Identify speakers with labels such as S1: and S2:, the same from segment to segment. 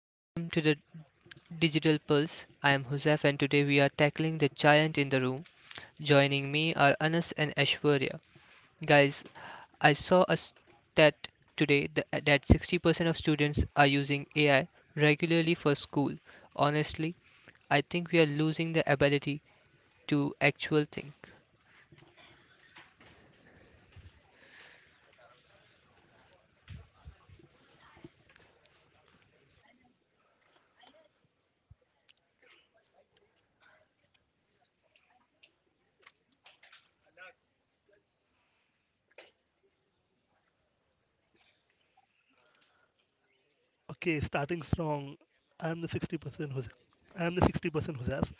S1: Welcome to the Digital Pulse. I am Husef and today we are tackling the giant in the room. Joining me are Anas and Ashwarya. Guys, I saw a stat today that 60% of students are using AI regularly for school. Honestly, I think we are losing the ability to actual think.
S2: Okay, starting strong. I'm the 60% who's I'm the 60% have.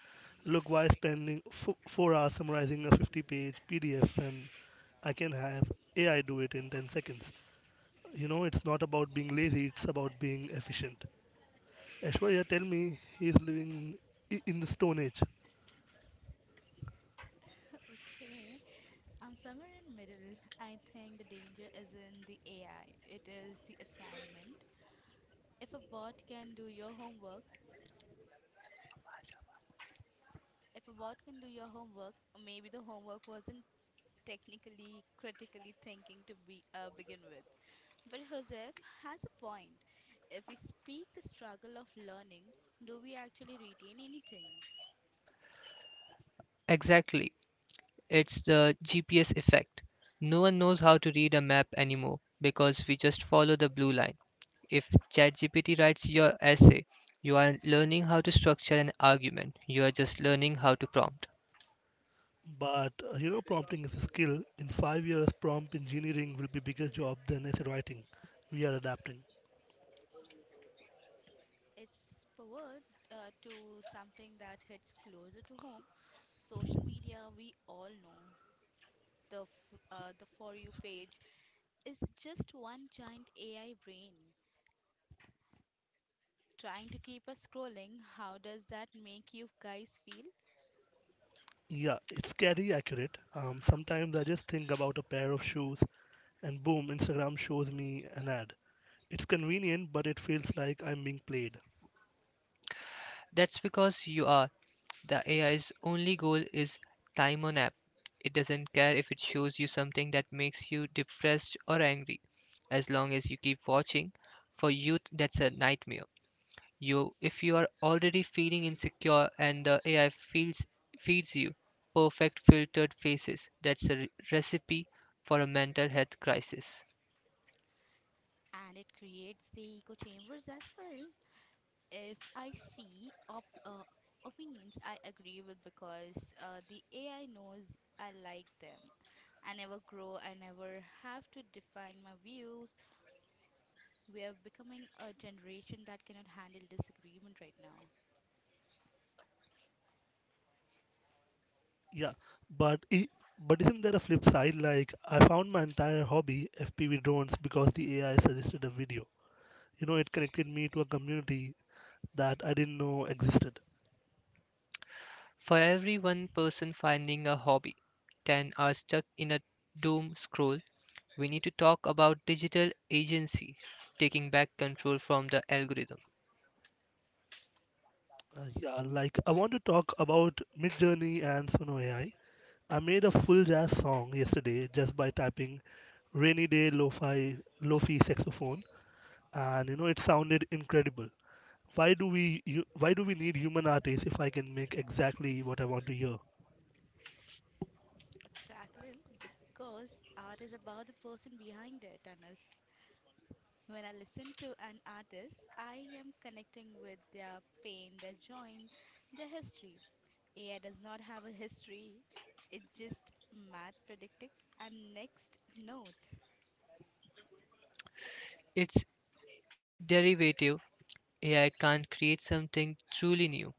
S2: Look, why spending 4 hours summarizing a 50-page PDF and I can have AI do it in 10 seconds. You know, it's not about being lazy, it's about being efficient. Ashwarya tell me he's living in the Stone Age.
S3: Okay, I'm somewhere in middle. I think the danger is in the AI. It is the assignment. If a bot can do your homework, if a bot can do your homework, maybe the homework wasn't technically critically thinking to be begin with. But Joseph has a point. If we speak the struggle of learning, do we actually retain anything?
S1: Exactly. It's the GPS effect. No one knows how to read a map anymore because we just follow the blue line. If ChatGPT writes your essay, you are learning how to structure an argument. You are just learning how to prompt.
S2: But, prompting is a skill. In 5 years, prompt engineering will be bigger job than essay writing. We are adapting.
S3: It's pivot to something that hits closer to home. Social media, we all know, the for you page is just one giant AI brain trying to keep us scrolling. How does that make you guys feel?
S2: Yeah, it's scary accurate. Sometimes I just think about a pair of shoes, and boom, Instagram shows me an ad. It's convenient, but it feels like I'm being played.
S1: That's because you are, the AI's only goal is time on app. It doesn't care if it shows you something that makes you depressed or angry. As long as you keep watching, for youth that's a nightmare. You if you are already feeling insecure and the AI feels feeds you perfect filtered faces, that's a recipe for a mental health crisis.
S3: And it creates the echo chambers as well. If I see opinions I agree with because the AI knows I like them. I never have to define my views. We are becoming a generation that cannot handle disagreement right now.
S2: Yeah, but i- but isn't there a flip side? Like I found my entire hobby FPV drones because the AI suggested a video. You know, it connected me to a community that I didn't know existed.
S1: For every one person finding a hobby, 10 are stuck in a doom scroll. We need to talk about digital agency, taking back control from the algorithm.
S2: Yeah, like I want to talk about Midjourney and Sono AI. I made a full jazz song yesterday just by typing rainy day lo-fi saxophone, and it sounded incredible. Why do we need human artists if I can make exactly what I want to hear?
S3: Spectacular, because art is about the person behind it and us. When I listen to an artist, I am connecting with their pain, their joy, their history. AI does not have a history, it's just math predicting and next note.
S1: It's derivative. AI can't create something truly new,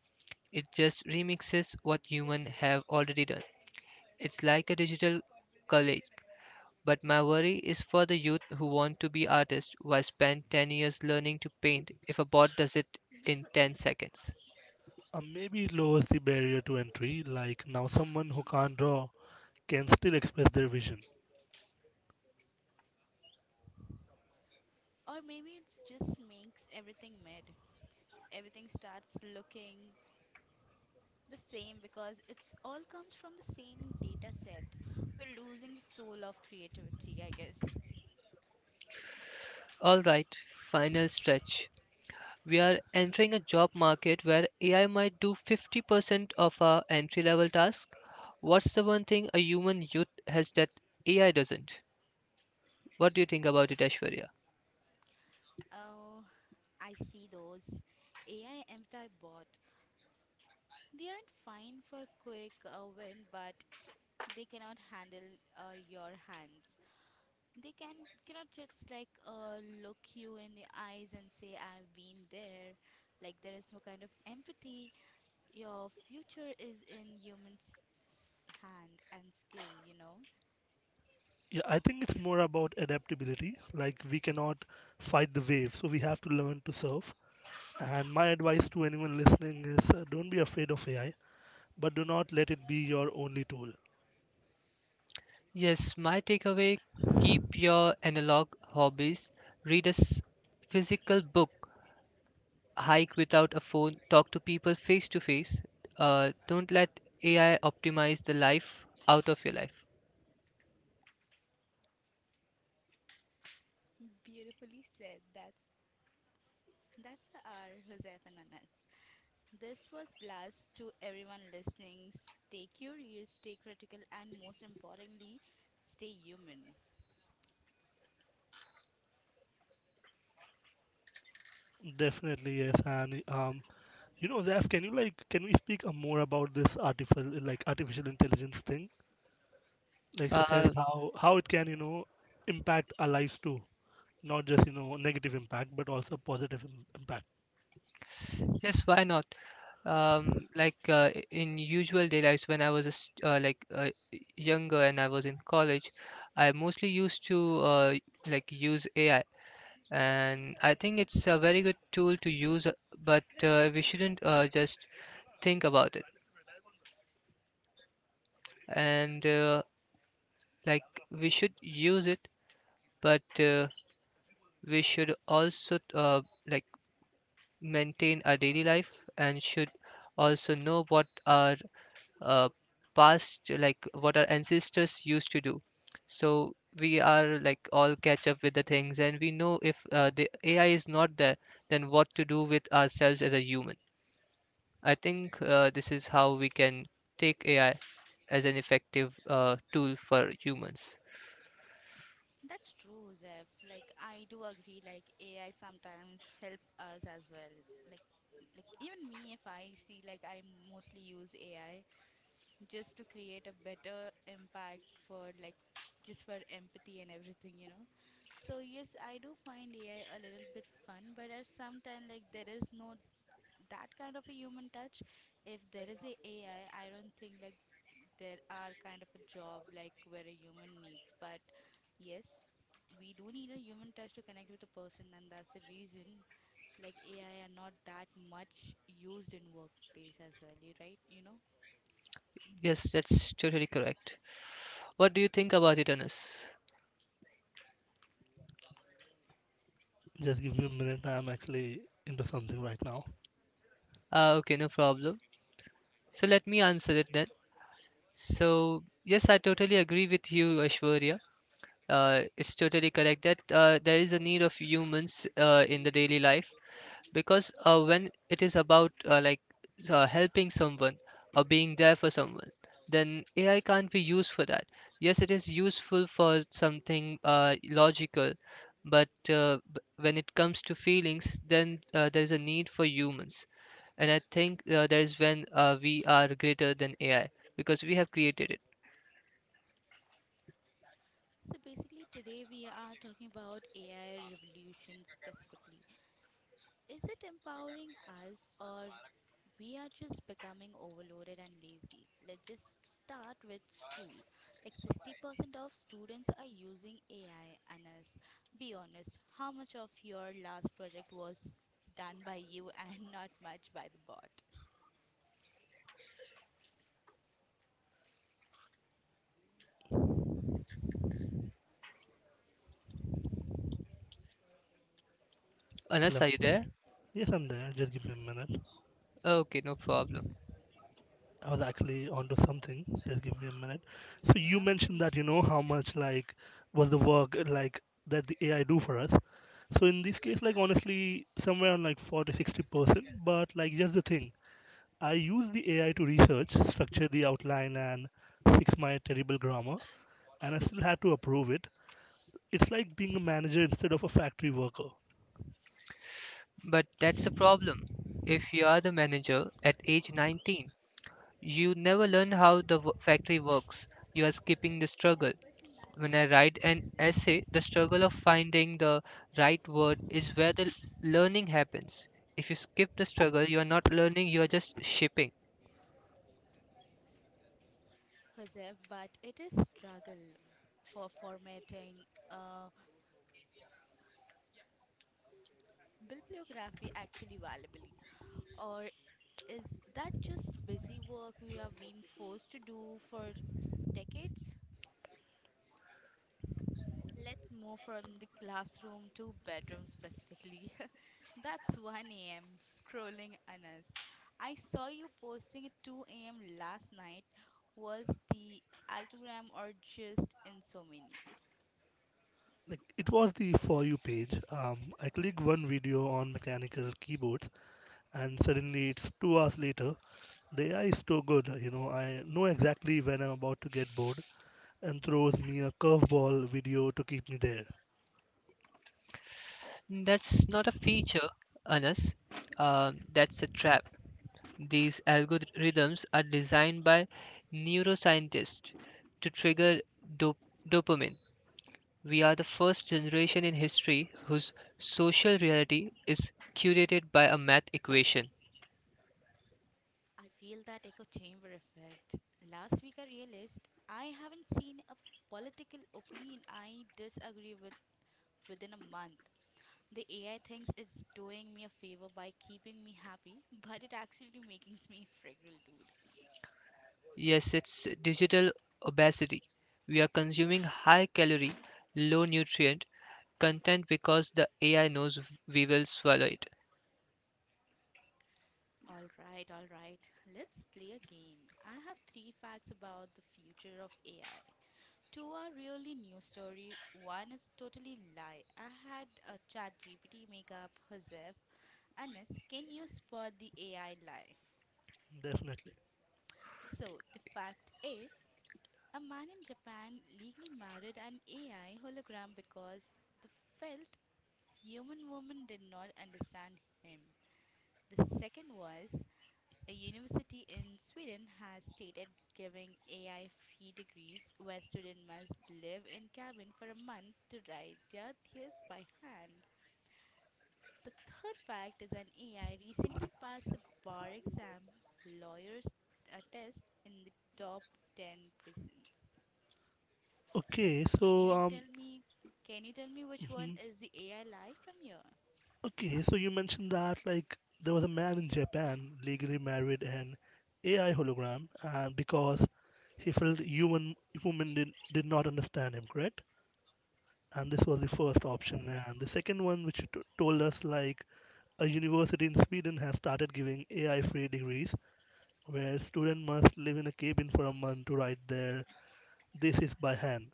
S1: it just remixes what humans have already done. It's like a digital college. But my worry is for the youth who want to be artists. Why spend 10 years learning to paint if a bot does it in 10 seconds?
S2: Maybe it lowers the barrier to entry, like now someone who can't draw can still express their vision.
S3: Or maybe it just makes everything mid. Everything starts looking the same because it's all comes from the same data set. We're losing the soul of creativity, I guess.
S1: All right, final stretch. We are entering a job market where AI might do 50% of our entry level tasks. What's the one thing a human youth has that AI doesn't? What do you think about it, Ashwarya?
S3: Oh, I see those AI MTI bot. They aren't fine for quick win, but they cannot handle your hands. They can cannot just look you in the eyes and say, "I've been there." Like there is no kind of empathy. Your future is in humans' hand and skill. You know,
S2: Yeah, I think it's more about adaptability. Like we cannot fight the wave, so we have to learn to surf. And my advice to anyone listening is don't be afraid of AI, but do not let it be your only tool.
S1: Yes, my takeaway, keep your analog hobbies, read a physical book, hike without a phone, talk to people face to face. Don't let AI optimize the life out of your life.
S3: beautifully said. That's our Josef and Anas. This was blast to everyone listening. Stay curious, stay critical, and most importantly, stay human.
S2: Definitely, yes. And you know, Zaf, can you like can we speak more about this artificial intelligence thing, like such as
S1: Uh,
S2: how it can impact our lives too, not just negative impact but also positive impact.
S1: yes, why not? Like in usual day lives, when I was a s like younger and I was in college, I mostly used to uh, use AI, and I think it's a very good tool to use, but we shouldn't just think about it, and like we should use it, but we should also maintain our daily life and should also know what our uh, past, like what our ancestors used to do, so we are like all catch up with the things, and we know if the AI is not there, then what to do with ourselves as a human. I think this is how we can take AI as an effective tool for humans.
S3: That's true, Joseph. Like I do agree. Like AI sometimes help us as well. Like like even me, if I see like I mostly use AI just to create a better impact for like just for empathy and everything, you know. So yes, I do find AI a little bit fun, but at some time like there is no that kind of a human touch. If there is a AI, I don't think like there are kind of a job like where a human needs, but yes, we do need a human touch to connect with a person. And that's the reason like AI are not that much used in workplace as well, you right, you know.
S1: Yes, that's totally correct. What do you think about it, Anas?
S2: Just give me a minute. I'm actually into something right now.
S1: Okay, no problem, so let me answer it then. So yes, I totally agree with you, Aishwarya. It's totally correct that there is a need of humans in the daily life, because when it is about helping someone or being there for someone, then AI can't be used for that. Yes, it is useful for something logical, but when it comes to feelings, then there is a need for humans. And I think there is when we are greater than AI, because we have created it.
S3: So basically today we are talking about AI revolution specifically. Is it empowering us or we are just becoming overloaded and lazy? Let's just start with school. Like 60% of students are using AI and us. Be honest, how much of your last project was done by you and not much by the bot?
S2: Hello.
S1: Unless, are you there?
S2: Yes, I'm there. Just give me a minute.
S1: Okay, no problem.
S2: I was actually onto something. Just give me a minute. So you
S3: Not an
S2: mentioned that you
S3: issue,
S2: know how much like was the work, like, that the AI do for us. So in this case, like honestly, somewhere on like 40-60%. But like just the thing, I use the AI to research, structure the outline, and fix my terrible grammar, and I still had to approve it. It's like being a manager instead of a factory worker.
S1: But that's the problem. If you are the manager at age 19, you never learn how the factory works. You are skipping the struggle. When I write an essay, the struggle of finding the right word is where the learning happens. If you skip the struggle, you are not learning, you are just shipping.
S3: Joseph, but it is struggle for formatting a bibliography actually valuably, or is that just busy work we have been forced to do for decades? Let's move from the classroom to bedroom specifically. That's 1 a.m. scrolling on us. I saw you posting at 2 a.m. last night. Was the altogram or just insomnia?
S2: Like it was the for you page. I click one video on mechanical keyboards, and suddenly it's 2 hours later. The AI is too good, you know. I know exactly when I'm about to get bored and throws me a curveball video to keep me there.
S1: That's not a feature, Anas. That's a trap. These algorithms are designed by neuroscientists to trigger dop- dopamine. We are the first generation in history whose social reality is curated by a math equation.
S3: I feel that echo chamber effect. Last week I realized I haven't seen a political opinion I disagree with within a month. The AI thinks it's doing me a favor by keeping me happy, but it actually makes me fragile, dude.
S1: Yes, it's digital obesity. We are consuming high calorie, low nutrient content because the AI knows we will swallow it.
S3: All right, all right. Let's play a game. I have three facts about the future of AI. Two are really new story. One is totally lie. I had a chat GPT make up Joseph. Anas, can you spot the AI lie?
S2: Definitely.
S3: So, the fact A, a man in Japan legally married an AI hologram because the felt Human woman did not understand him. The second was a university in Sweden has stated giving AI free degrees where students must live in cabin for a month to write their thesis by hand. The third fact is an AI recently passed the bar exam lawyers test in the top 10 prisons. So
S2: Okay,
S3: can
S2: so
S3: you tell me can you tell me which one
S2: mhm.
S3: is the AI lie from here?
S2: Okay, so you mentioned that like there was a man in Japan legally married an AI hologram, and because he felt human women did not understand him, correct? And this was the first
S3: Yes.
S2: option. And the second one, which you told us, like a university in Sweden has started giving AI free degrees where students must live in a cabin for a month to write their thesis by hand.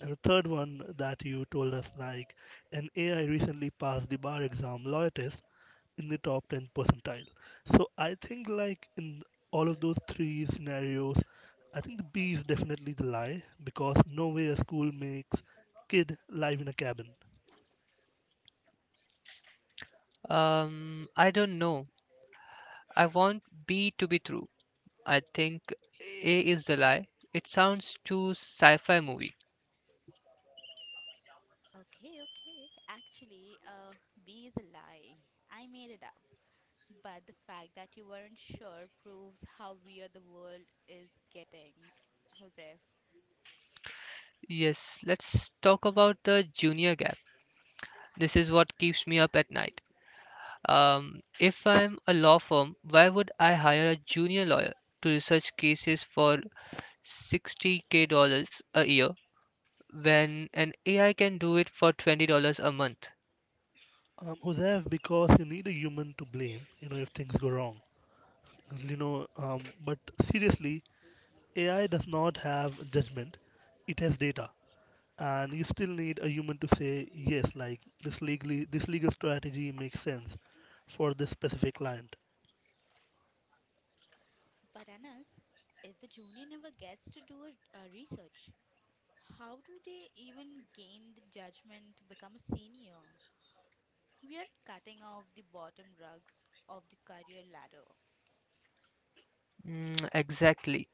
S2: And the third one that you told us, like an AI recently passed the bar exam lawyer test in the top 10 percentile. So I think like in all of those three scenarios, I think the B is definitely the lie, because no way a school makes kid live in a cabin.
S1: I don't know. I want B to be true. I think A is the lie. It sounds too sci fi movie.
S3: Okay, okay. Actually, B is a lie. I made it up. But the fact that you weren't sure proves how weird the world is getting, Joseph.
S1: Yes, let's talk about the junior gap. This is what keeps me up at night. If I'm a law firm, why would I hire a junior lawyer to research cases for 60K dollars a year when an AI can do it for $20 a month?
S2: Josef, because you need a human to blame, you know, if things go wrong. But seriously, AI does not have judgment, it has data. And you still need a human to say yes, like this legal strategy makes sense for this specific client.
S3: But Anas, if the junior never gets to do a research, how do they even gain the judgment to become a senior? We are cutting off the bottom rungs of the career ladder.
S1: Mm, exactly.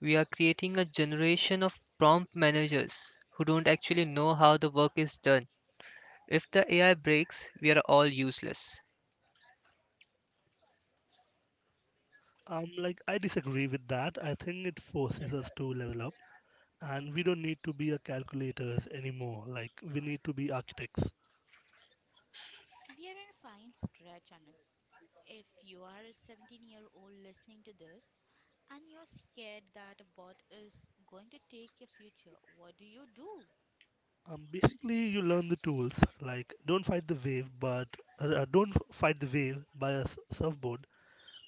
S1: We are creating a generation of prompt managers who don't actually know how the work is done. If the AI breaks, we are all useless.
S2: Like I disagree with that. I think it forces us to level up and we don't need to be a calculators anymore. Like we need to be architects.
S3: We are in a fine stretch on us. If you are a 17-year-old listening to this and you're scared that a bot is going to take your future, what do you do?
S2: Basically you learn the tools, like don't fight the wave but don't fight the wave by a surfboard.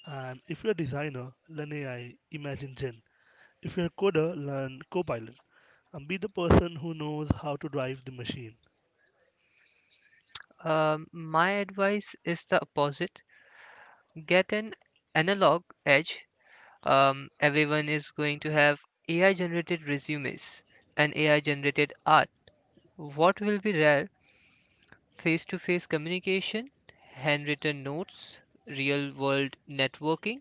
S2: And if you're a designer, learn AI, imagine Gen. If you're a coder, learn Copilot and be the person who knows how to drive the machine.
S1: My advice is the opposite. Get an analog edge. Um, everyone is going to have AI generated resumes and AI generated art. What will be rare? Face to face communication, handwritten notes, real world networking.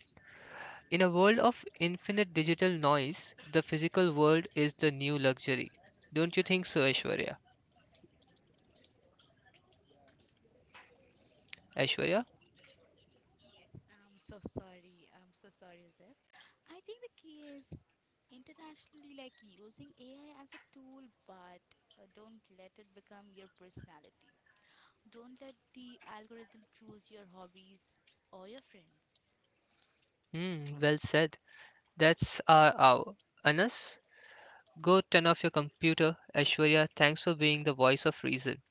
S1: In a world of infinite digital noise, the physical world is the new luxury. Don't you think so, Aishwarya? Aishwarya?
S3: Yes, I'm so sorry. I'm so sorry, Azif. I think the key is internationally like using AI as a tool, but don't let it become your personality. Don't let the algorithm choose your hobbies or your friends.
S1: Hmm, well said. That's our hour. Anas, go turn off your computer. Aishwarya, thanks for being the voice of reason.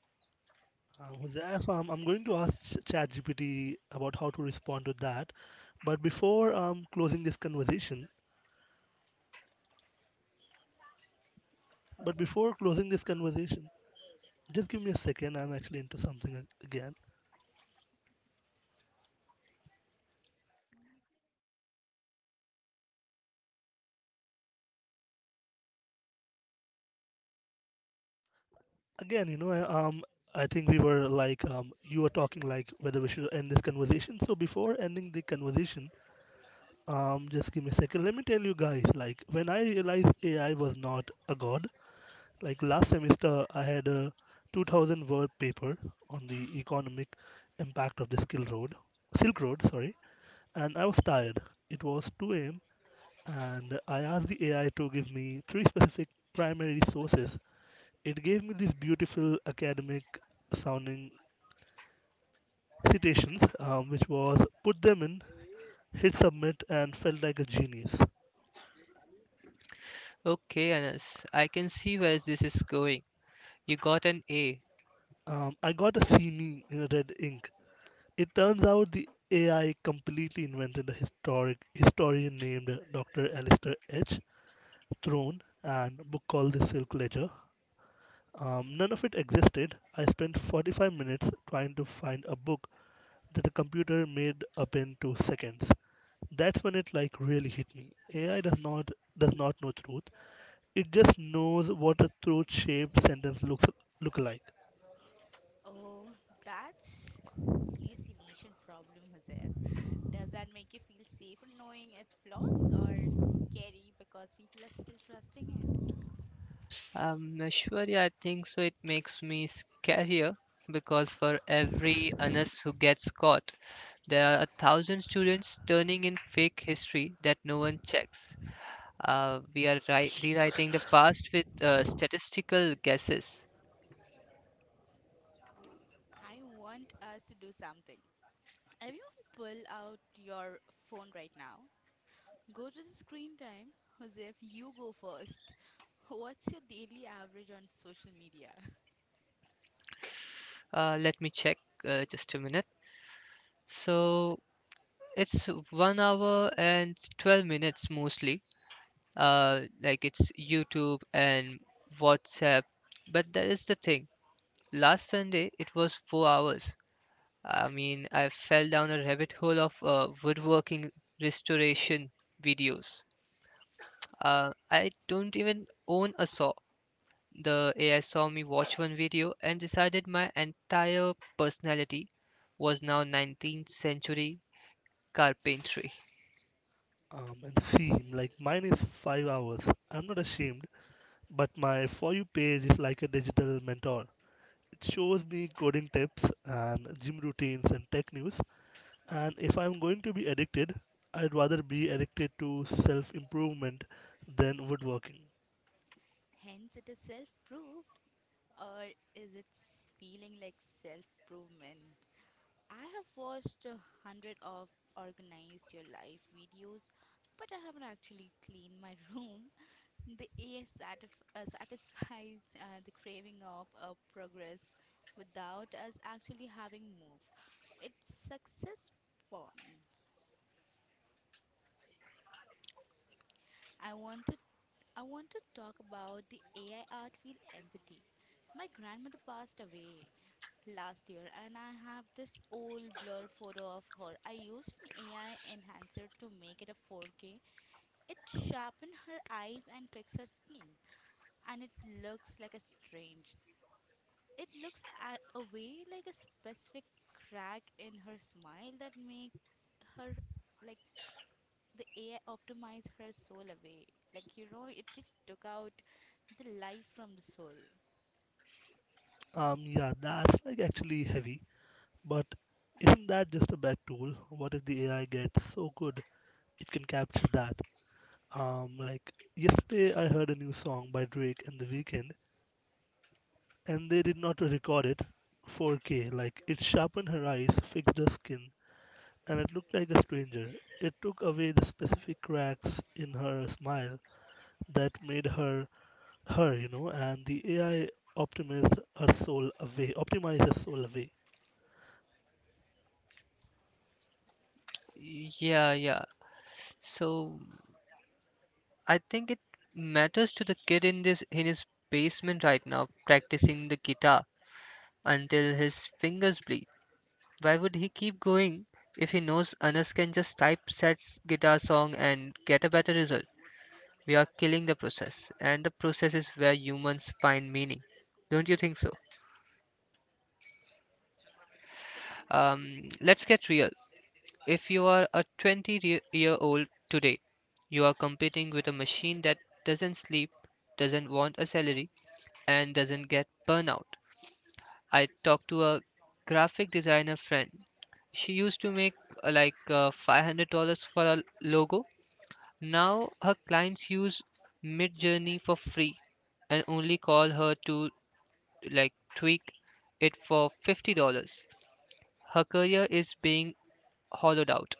S2: Jose, so I'm going to ask ChatGPT about how to respond to that. But before um, closing this conversation, but before closing this conversation, just give me a second. I'm actually into something again. Again, I think we were like, you were talking like whether we should end this conversation. So before ending the conversation, just give me a second. Let me tell you guys, like when I realized AI was not a god, like last semester I had a 2,000 word paper on the economic impact of the skill road silk road. Sorry. And I was tired. It was 2 a.m., and I asked the AI to give me three specific primary sources. It gave me these beautiful academic sounding citations, which was, put them in, hit submit, and felt like a genius.
S1: Okay, Anas, I can see where this is going. You got an A.
S2: I got a see me in red ink. It turns out the AI completely invented a historic historian named Dr. Alistair H. Throne and a book called The Silk Ledger. None of it existed. I spent 45 minutes trying to find a book that a computer made up in 2 seconds. That's when it like really hit me. AI does not know truth. It just knows what a truth shaped sentence look like.
S3: Oh, that's hallucination problem, Joseph. Does that make you feel safer knowing its flaws or scary because people are still trusting it?
S1: Ashwarya, I think so. It makes me scarier because for every Anas who gets caught, there are a thousand students turning in fake history that no one checks. We are rewriting the past with statistical guesses.
S3: I want us to do something. Everyone pull out your phone right now. Go to the screen time. Joseph, you go first. What's your daily average on social media?
S1: Let me check, just a minute. So it's 1 hour and 12 minutes mostly. Like it's YouTube and WhatsApp. But that is the thing. Last Sunday, it was 4 hours. I mean, I fell down a rabbit hole of woodworking restoration videos. I don't even own a saw. The AI saw me watch one video and decided my entire personality was now 19th century carpentry.
S2: And see, like mine is 5 hours. I'm not ashamed, but my For You page is like a digital mentor. It shows me coding tips and gym routines and tech news. And if I'm going to be addicted, I'd rather be addicted to self improvement than woodworking.
S3: Hence, it is self-proved, or is it feeling like self-provement? I have watched a hundred of organized your life videos, but I haven't actually cleaned my room. The AI satisfies the craving of progress without us actually having moved. It's success bonds. I wanted I want to talk about the AI art field empathy. My grandmother passed away, last year, and I have this old blur photo of her. I used an AI enhancer to make it a 4K. It sharpened her eyes and fixed her skin and it looks like a strange. It looks a way like a specific crack in her smile that make her like the AI optimize her soul away. Like you know, it just took out the life from the soul.
S2: Yeah, that's like actually heavy, but isn't that just a bad tool? What if the AI gets so good it can capture that? Like yesterday, I heard a new song by Drake and The Weeknd, and they did not record it 4K. Like it sharpened her eyes, fixed her skin, and it looked like a stranger. It took away the specific cracks in her smile that made her, and the AI optimized her soul away, optimized her soul away.
S1: Yeah, yeah. So I think it matters to the kid in his basement right now practicing the guitar until his fingers bleed. Why would he keep going if he knows Anas can just type set guitar song and get a better result? We are killing the process, and the process is where humans find meaning. Don't you think so? Let's get real. If you are a 20 year old today, you are competing with a machine that doesn't sleep, doesn't want a salary, and doesn't get burnout. I talked to a graphic designer friend. She used to make $500 for a logo. Now her clients use Midjourney for free and only call her to like tweak it for $50. Her career is being hollowed out.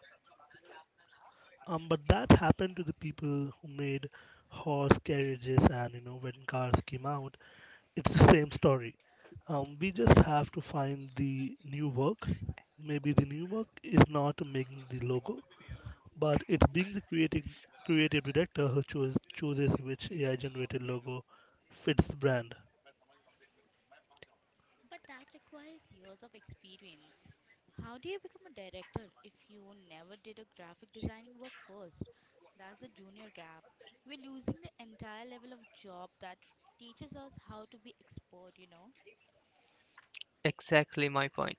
S2: But that happened to the people who made horse carriages, and you know, when cars came out. It's the same story. We just have to find the new work. Maybe the new work is not making the logo, but it's being the creative director who chooses which AI generated logo fits the brand.
S3: But that requires years of experience. How do you become a director if you never did a graphic designing work first? That's the junior gap. We're losing the entire level of job that teaches us how to be expert, you know?
S1: Exactly my point.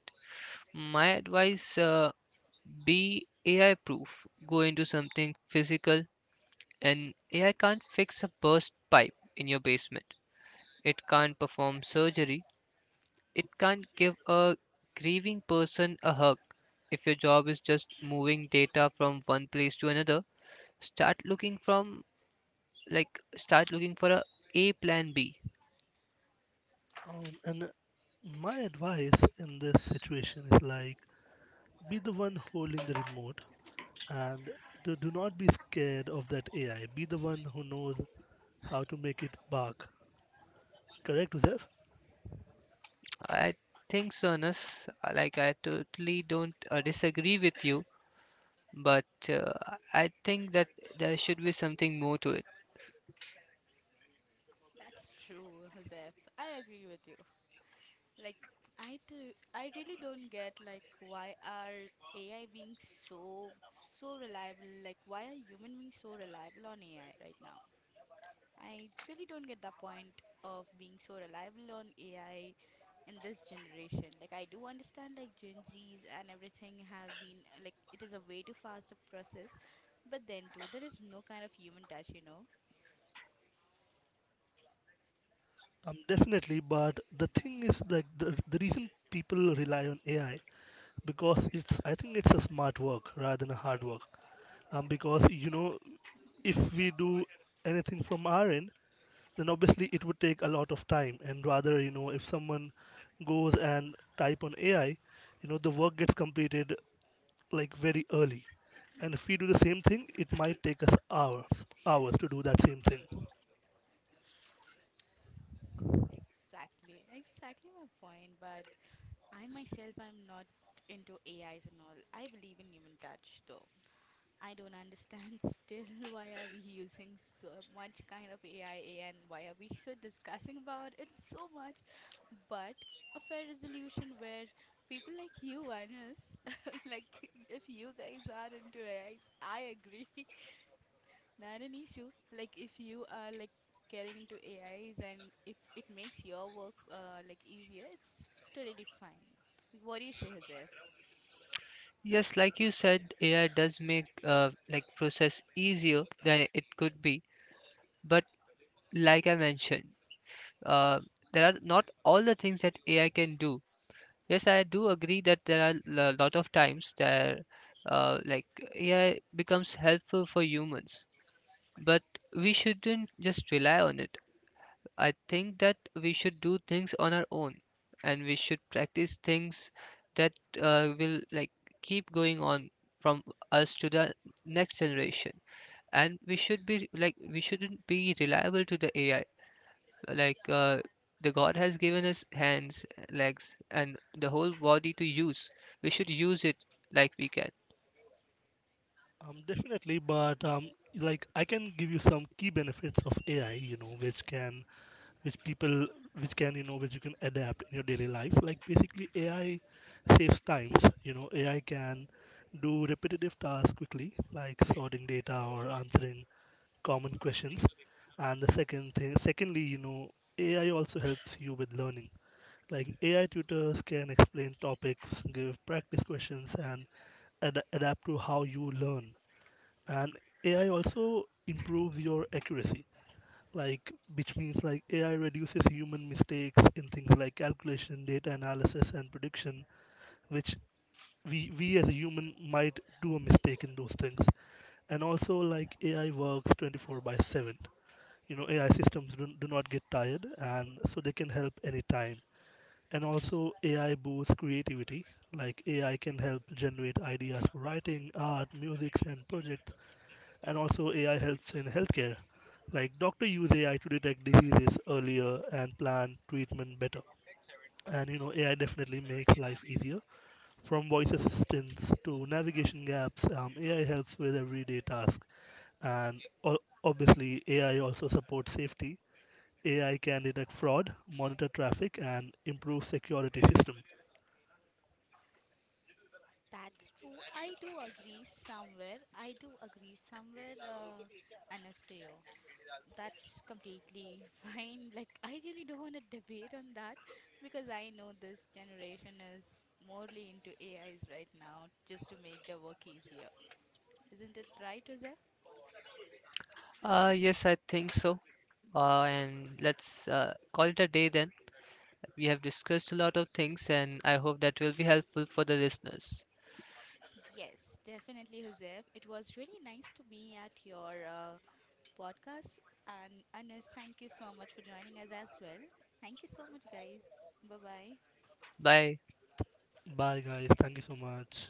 S1: My advice, be AI proof. Go into something physical, and AI can't fix a burst pipe in your basement. It can't perform surgery. It can't give a grieving person a hug. If your job is just moving data from one place to another, start looking from start looking for a plan B.
S2: And my advice in this situation is like, be the one holding the remote and do not be scared of that AI. Be the one who knows how to make it bark. Correct, Uzef?
S1: I think so, Anas. Like I totally don't disagree with you, but I think that there should be something more to it.
S3: That's true, Zeph. I agree with you. Like, I really don't get like why are AI being so so reliable? Like, why are human being so reliable on AI right now? I really don't get the point of being so reliable on AI in this generation. Like I do understand like Gen Zs and everything have been like it is a way too fast a process, but then too there is no kind of human touch, you know.
S2: Definitely, but the thing is like the reason people rely on AI because it's, I think it's a smart work rather than a hard work. Because you know, if we do anything from our end, then obviously it would take a lot of time. And rather, you know, if someone goes and type on AI, you know, the work gets completed like very early. And if we do the same thing, it might take us hours to do that same thing.
S3: Exactly, exactly my point. But I myself I'm not into AIs and all. I believe in human touch though. I don't understand still why are we using so much kind of AI and why are we so discussing about it so much. But a fair resolution where people like you and us, like if you guys are into AIs, I agree. Not an issue. Like if you are like getting into AIs and if it makes your work like easier, it's totally fine. What do you say, Joseph?
S1: Yes, like you said, AI does make process easier than it could be, but like I mentioned, uh, there are not all the things that AI can do. Yes, I do agree that there are a lot of times that uh, like AI becomes helpful for humans, but we shouldn't just rely on it. I think that we should do things on our own, and we should practice things that will like keep going on from us to the next generation. And we shouldn't be reliable to the AI. Like the god has given us hands, legs and the whole body to use. We should use it like we can.
S2: Definitely, but like I can give you some key benefits of AI. You know, which can which people which can you know which you can adapt in your daily life. Like basically AI saves times. You know, AI can do repetitive tasks quickly, like sorting data or answering common questions. And the second thing secondly, you know, AI also helps you with learning. Like AI tutors can explain topics, give practice questions, and adapt to how you learn. And AI also improves your accuracy, like which means, like AI reduces human mistakes in things like calculation, data analysis, and prediction, which we, as a human, might do a mistake in those things. And also like AI works 24 by 7. You know, AI systems do not get tired, and so they can help anytime. And also AI boosts creativity. Like AI can help generate ideas for writing, art, music, and projects. And also AI helps in healthcare. Like doctor use AI to detect diseases earlier and plan treatment better. And you know AI definitely makes life easier. From voice assistants to navigation gaps, AI helps with everyday tasks. And obviously AI also supports safety. AI can detect fraud, monitor traffic, and improve security system.
S3: That's true. I do agree somewhere. I do agree somewhere, Anasteo. That's completely fine. Like, I really don't want to debate on that because I know this generation is morely into AIs right now just to make their work easier. Isn't it right, Joseph?
S1: Uh, yes, I think so. And let's call it a day then. We have discussed a lot of things and I hope that will be helpful for the listeners.
S3: Yes, definitely, Joseph. It was really nice to be at your podcast. And Anas, thank you so much for joining us as well. Thank you so much, guys. Bye bye.
S1: Bye.
S2: Bye guys, thank you so much.